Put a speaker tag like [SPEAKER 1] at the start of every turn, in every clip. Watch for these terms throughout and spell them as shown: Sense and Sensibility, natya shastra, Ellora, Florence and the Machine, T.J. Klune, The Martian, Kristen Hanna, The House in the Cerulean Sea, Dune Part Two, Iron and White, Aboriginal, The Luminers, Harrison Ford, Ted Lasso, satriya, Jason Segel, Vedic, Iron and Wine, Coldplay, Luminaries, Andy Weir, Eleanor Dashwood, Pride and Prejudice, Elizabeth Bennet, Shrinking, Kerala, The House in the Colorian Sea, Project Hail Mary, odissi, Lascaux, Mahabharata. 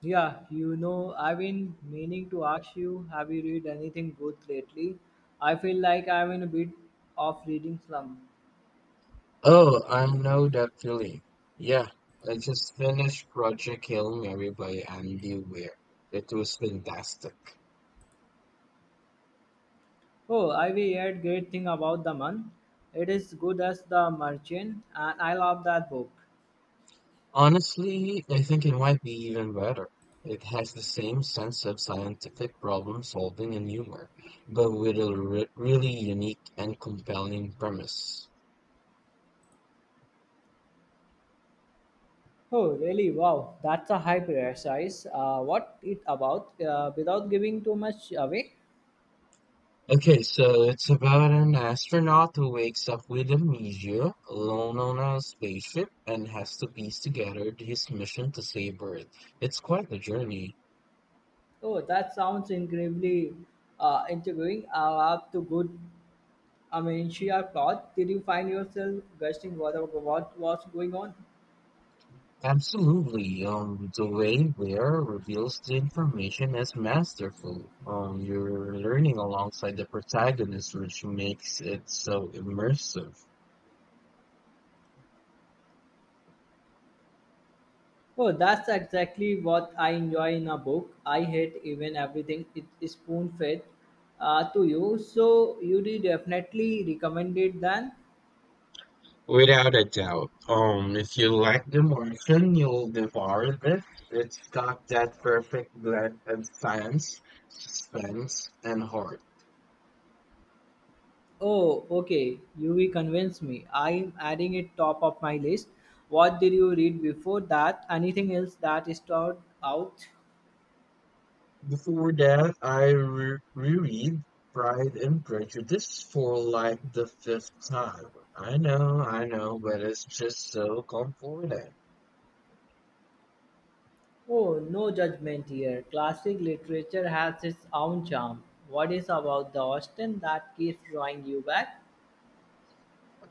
[SPEAKER 1] I've been meaning to ask you, have you read anything good lately? I feel like I'm in a bit of reading slump.
[SPEAKER 2] Oh, I know that feeling. Yeah, I just finished Project Hail Mary by Andy Weir. It was fantastic.
[SPEAKER 1] Oh, I've heard great thing about the man. It is good as the merchant, and I love that book.
[SPEAKER 2] Honestly, I think it might be even better. It has the same sense of scientific problem solving and humor, but with a re really unique and compelling premise.
[SPEAKER 1] Oh, really? Wow, that's a high prayer size. What it about? Without giving too much away.
[SPEAKER 2] Okay, so it's about an astronaut who wakes up with amnesia, alone on a spaceship, and has to piece together his mission to save Earth. It's quite a journey.
[SPEAKER 1] Oh, that sounds incredibly intriguing. I'll have to good. I mean, sheer thought. Did you find yourself gushing what was going on?
[SPEAKER 2] Absolutely. The way Ware reveals the information is masterful. You're learning alongside the protagonist, which makes it so immersive.
[SPEAKER 1] Oh, that's exactly what I enjoy in a book. I hate even everything it is spoon fed to you. So you did definitely recommend it then.
[SPEAKER 2] Without a doubt. If you like The Martian, you'll devour this. It's got that perfect blend of science, suspense, and heart.
[SPEAKER 1] Oh, okay. You will convince me. I'm adding it top of my list. What did you read before that? Anything else that stood out?
[SPEAKER 2] Before that, I reread Pride and Prejudice for like the fifth time. I know, but it's just so comforting.
[SPEAKER 1] Oh, no judgment here. Classic literature has its own charm. What is about the Austen that keeps drawing you back?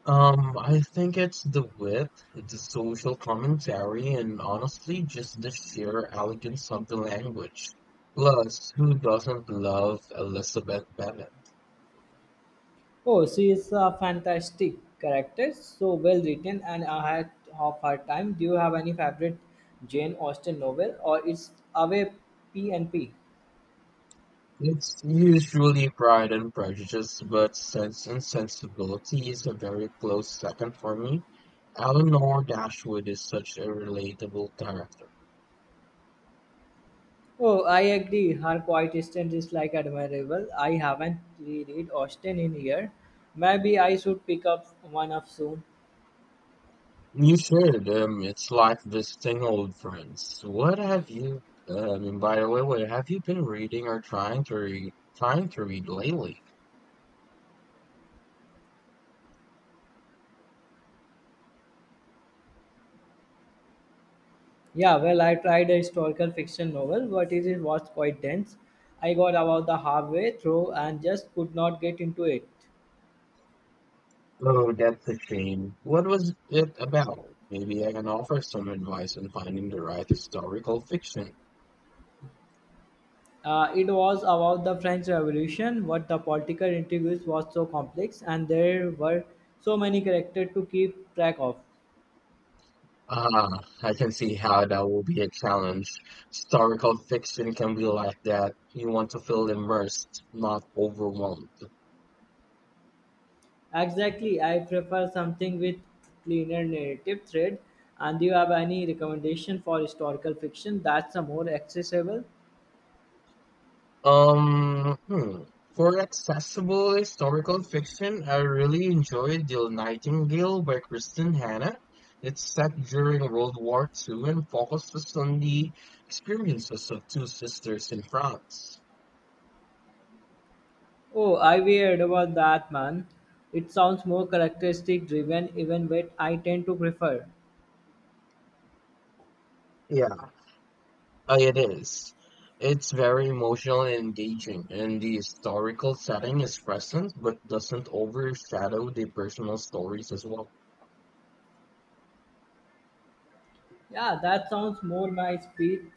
[SPEAKER 2] I think it's the width, the social commentary, and honestly, just the sheer elegance of the language. Plus, who doesn't love Elizabeth Bennet?
[SPEAKER 1] Oh, she is a fantastic character, so well written and ahead of her time. Do you have any favorite Jane Austen novel, or it's away P and P?
[SPEAKER 2] It's usually Pride and Prejudice, but Sense and Sensibility is a very close second for me. Eleanor Dashwood is such a relatable character.
[SPEAKER 1] Oh, I agree. Her quiet distance is like admirable. I haven't reread Austen in here. Maybe I should pick up one up soon.
[SPEAKER 2] You should. It's like visiting old friends. What have you? By the way, what have you been reading or trying to read? Trying to read lately?
[SPEAKER 1] Yeah, well, I tried a historical fiction novel, but it was quite dense. I got about the halfway through and just could not get into it.
[SPEAKER 2] Oh, that's a shame. What was it about? Maybe I can offer some advice on finding the right historical fiction.
[SPEAKER 1] It was about the French Revolution, but the political intrigues was so complex, and there were so many characters to keep track of.
[SPEAKER 2] Ah, I can see how that will be a challenge. Historical fiction can be like that. You want to feel immersed, not overwhelmed.
[SPEAKER 1] Exactly, I prefer something with cleaner narrative thread. And do you have any recommendation for historical fiction that's a more accessible?
[SPEAKER 2] Um, hmm. For accessible historical fiction, I really enjoyed The Nightingale by Kristen Hanna. It's set during World War II and focuses on the experiences of two sisters in France.
[SPEAKER 1] Oh, I weird about that man. It sounds more characteristic driven even what I tend to prefer.
[SPEAKER 2] Yeah, it is. It's very emotional and engaging, and the historical setting is present but doesn't overshadow the personal stories as well.
[SPEAKER 1] Yeah, that sounds more my speed.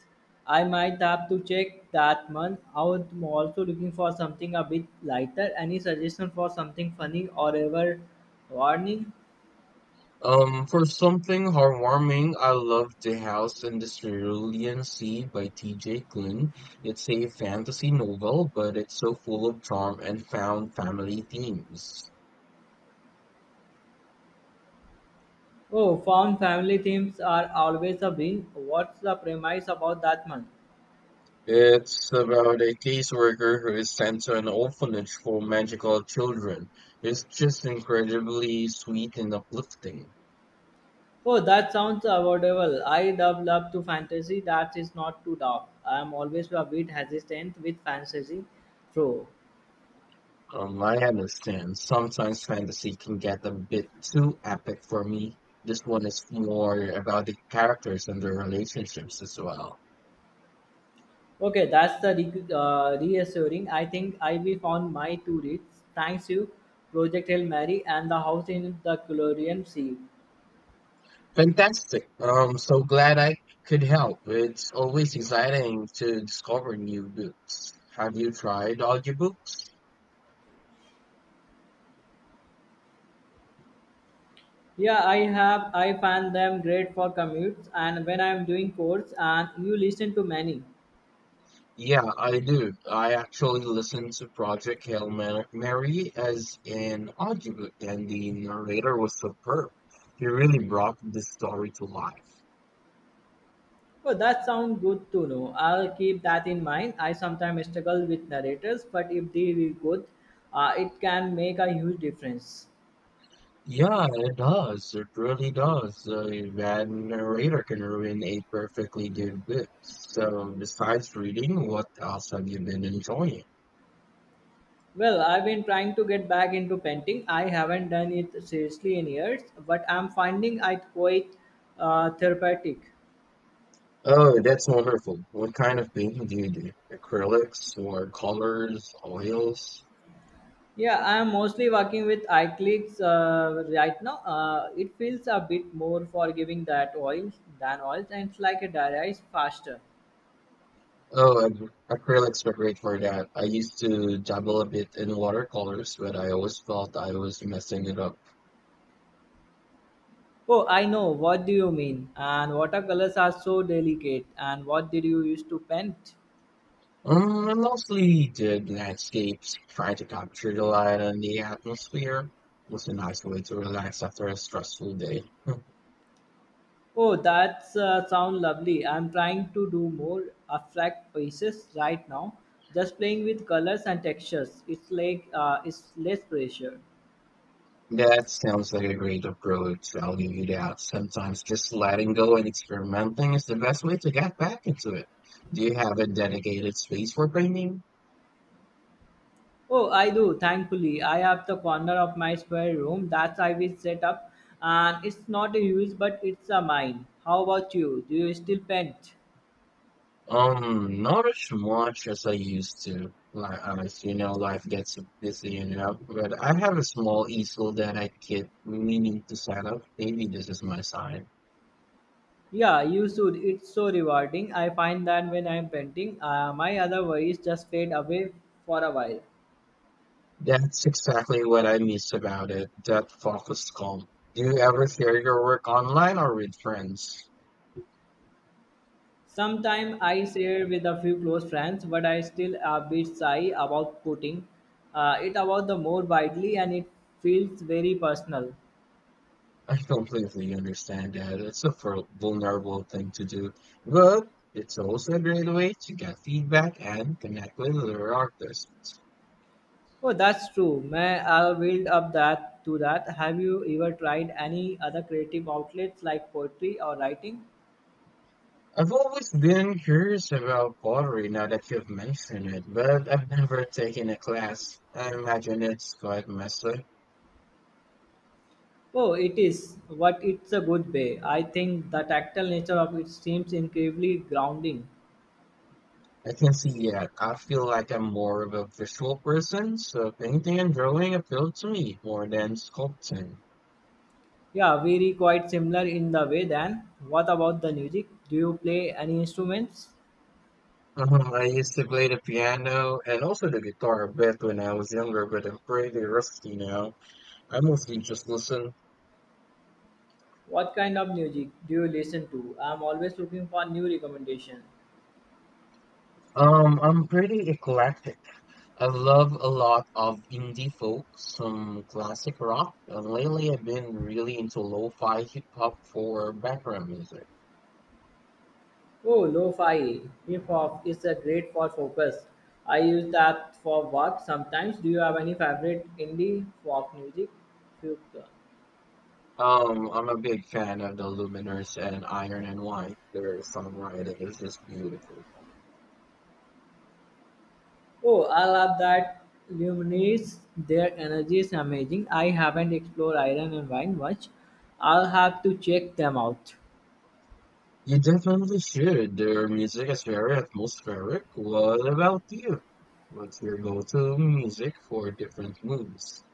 [SPEAKER 1] I might have to check that month out. I'm also looking for something a bit lighter. Any suggestion for something funny or ever warning?
[SPEAKER 2] For something heartwarming, I love The House in the Cerulean Sea by T.J. Klune. It's a fantasy novel, but it's so full of charm and found family themes.
[SPEAKER 1] Oh, found family themes are always a win. What's the premise about that month?
[SPEAKER 2] It's about a caseworker who is sent to an orphanage for magical children. It's just incredibly sweet and uplifting.
[SPEAKER 1] Oh, that sounds avoidable. I love love to fantasy. That is not too dark. I am always a bit hesitant with fantasy, throw.
[SPEAKER 2] I understand. Sometimes fantasy can get a bit too epic for me. This one is more about the characters and their relationships as well.
[SPEAKER 1] Okay, that's the reassuring. I think I will found my two reads. Thanks you, Project Hail Mary and the house in the Colorian Sea.
[SPEAKER 2] Fantastic. So glad I could help. It's always exciting to discover new books. Have you tried audiobooks?
[SPEAKER 1] Yeah, I have. I find them great for commutes and when I am doing course. And you listen to many.
[SPEAKER 2] Yeah, I do. I actually listened to Project Hail Mary as an audiobook, and the narrator was superb. He really brought the story to life.
[SPEAKER 1] Oh, that sounds good to know. I'll keep that in mind. I sometimes struggle with narrators, but if they are good, it can make a huge difference.
[SPEAKER 2] Yeah, it does. It really does. A bad narrator can ruin a perfectly good book. So, besides reading, what else have you been enjoying?
[SPEAKER 1] Well, I've been trying to get back into painting. I haven't done it seriously in years, but I'm finding it quite therapeutic.
[SPEAKER 2] Oh, that's wonderful. What kind of painting do you do? Acrylics or colors, oils?
[SPEAKER 1] Yeah, I'm mostly working with acrylics right now. It feels a bit more forgiving that oils than oils, and it's like it dries faster.
[SPEAKER 2] Oh, acrylics are great for that. I used to dabble a bit in watercolors, but I always felt I was messing it up.
[SPEAKER 1] Oh, I know. What do you mean? And watercolors are so delicate. And what did you use to paint?
[SPEAKER 2] I mostly did landscapes, trying to capture the light and the atmosphere. It was a nice way to relax after a stressful day. Hmm.
[SPEAKER 1] Oh, that's sound lovely. I'm trying to do more abstract pieces right now. Just playing with colors and textures. It's like it's less pressure.
[SPEAKER 2] That sounds like a great approach. I'll give you that. Sometimes just letting go and experimenting is the best way to get back into it. Do you have a dedicated space for painting?
[SPEAKER 1] Oh, I do. Thankfully, I have the corner of my spare room that I will set up, and it's not a use, but it's a mine. How about you? Do you still paint?
[SPEAKER 2] Not as much as I used to. Like, as you know, life gets busy you know. But I have a small easel that I keep meaning to set up. Maybe this is my sign.
[SPEAKER 1] Yeah, you should. It's so rewarding. I find that when I'm painting, my other worries just fade away for a while.
[SPEAKER 2] That's exactly what I miss about it. That focused calm. Do you ever share your work online or with friends?
[SPEAKER 1] Sometimes I share with a few close friends, but I still a bit shy about putting it about the more widely, and it feels very personal.
[SPEAKER 2] I completely understand that. It's a vulnerable thing to do, but it's also a great way to get feedback and connect with other artists.
[SPEAKER 1] Oh, that's true. May I'll build up that to that. Have you ever tried any other creative outlets like poetry or writing?
[SPEAKER 2] I've always been curious about pottery now that you've mentioned it, but I've never taken a class. I imagine it's quite messy.
[SPEAKER 1] Oh, it is. But it's a good way. I think the tactile nature of it seems incredibly grounding.
[SPEAKER 2] I can see that. I feel like I'm more of a visual person, so painting and drawing appeal to me more than sculpting.
[SPEAKER 1] Yeah, very quite similar in the way then. What about the music? Do you play any instruments?
[SPEAKER 2] I used to play the piano and also the guitar a bit when I was younger, but I'm pretty rusty now. I mostly just listen.
[SPEAKER 1] What kind of music do you listen to? I'm always looking for new recommendations.
[SPEAKER 2] I'm pretty eclectic. I love a lot of indie folk, some classic rock, and lately I've been really into lo-fi hip hop for background music.
[SPEAKER 1] Oh, lo-fi. Hip-hop is a great for focus. I use that for work sometimes. Do you have any favorite indie folk music? Few-
[SPEAKER 2] I'm a big fan of the Luminers and Iron and White. Their songwriting is just beautiful.
[SPEAKER 1] Oh, I love that. Luminaries, their energy is amazing. I haven't explored iron and wine much. I'll have to check them out.
[SPEAKER 2] You definitely should. Their music is very atmospheric. What about you? What's your go-to music for different moods?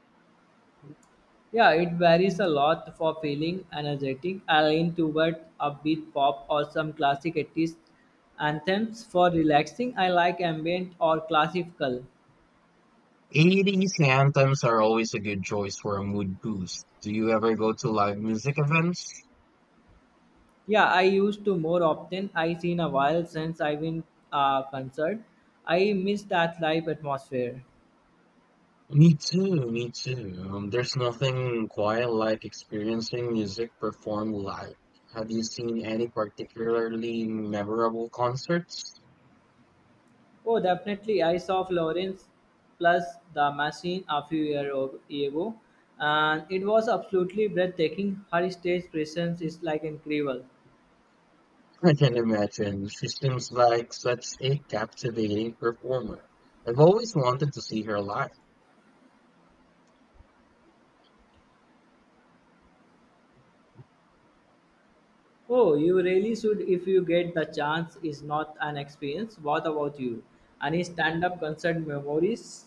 [SPEAKER 1] Yeah, it varies a lot for feeling energetic. I lean toward upbeat pop or some classic 80s anthems for relaxing. I like ambient or classical.
[SPEAKER 2] 80s anthems are always a good choice for a mood boost. Do you ever go to live music events?
[SPEAKER 1] Yeah, I used to more often. I seen a while since I've been a concert. I miss that live atmosphere.
[SPEAKER 2] Me too, me too. There's nothing quite like experiencing music performed live. Have you seen any particularly memorable concerts?
[SPEAKER 1] Oh, definitely. I saw Florence plus the machine a few years ago, and it was absolutely breathtaking. Her stage presence is like incredible.
[SPEAKER 2] I can imagine. She seems like such a captivating performer. I've always wanted to see her live.
[SPEAKER 1] Oh, you really should if you get the chance. Is not an experience. What about you? Any stand-up concert memories?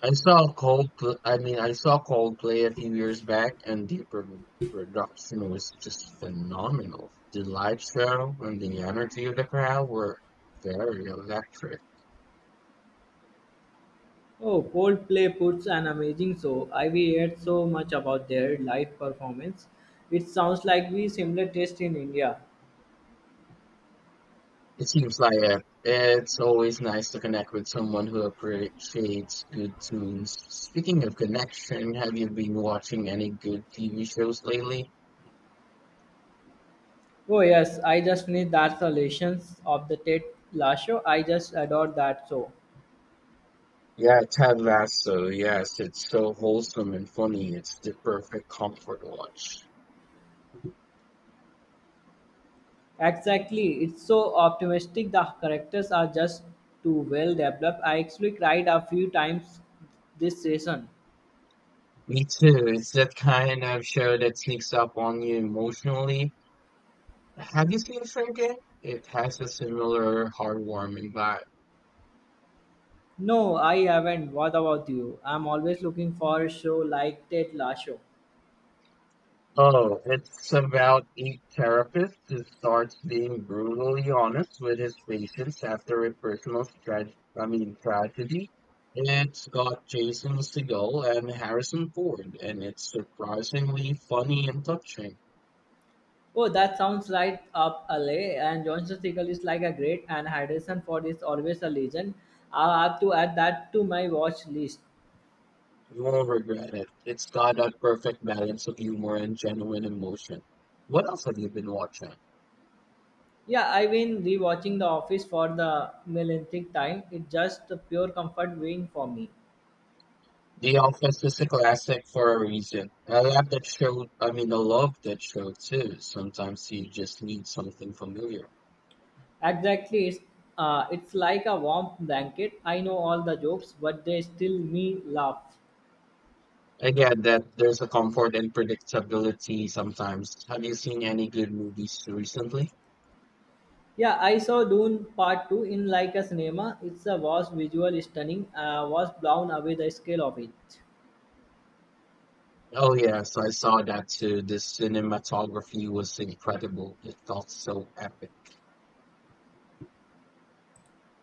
[SPEAKER 2] I saw Coldplay a few years back, and the production was just phenomenal. The live show and the energy of the crowd were very electric.
[SPEAKER 1] Oh, Coldplay puts an amazing show. I've heard so much about their live performance. It sounds like we similar taste in India.
[SPEAKER 2] It seems like it. It's always nice to connect with someone who appreciates good tunes. Speaking of connection, have you been watching any good TV shows lately?
[SPEAKER 1] Oh yes, I just finished that solutions of the Ted Lasso. I just adore that show.
[SPEAKER 2] Yeah, Ted Lasso. Yes, it's so wholesome and funny. It's the perfect comfort watch.
[SPEAKER 1] Exactly, it's so optimistic. The characters are just too well developed. I actually cried a few times this season.
[SPEAKER 2] Me too. It's that kind of show that sneaks up on you emotionally. Have you seen Shrinking? It has a similar heartwarming vibe.
[SPEAKER 1] No, I haven't. What about you? I'm always looking for a show like Ted Lasso.
[SPEAKER 2] Oh, it's about a therapist who starts being brutally honest with his patients after a personal tragedy. It's got Jason Segel and Harrison Ford, and it's surprisingly funny and touching.
[SPEAKER 1] Oh, that sounds right up alley. And Johnson Siegel is like a great, and Harrison Ford is always a legend. I'll have to add that to my watch list.
[SPEAKER 2] You won't regret it. It's got that perfect balance of humor and genuine emotion. What else have you been watching?
[SPEAKER 1] Yeah, I've been rewatching The Office for the millionth time. It's just the pure comfort viewing for me.
[SPEAKER 2] The Office is a classic for a reason. I love that show too. Sometimes you just need something familiar.
[SPEAKER 1] Exactly, it's like a warm blanket. I know all the jokes, but they still me laugh.
[SPEAKER 2] I get that there's a comfort and predictability sometimes. Have you seen any good movies recently?
[SPEAKER 1] Yeah, I saw Dune Part Two in like a cinema. It's a was visual stunning. Was blown away the scale of it.
[SPEAKER 2] Oh, yes, I saw that too. The cinematography was incredible. It felt so epic.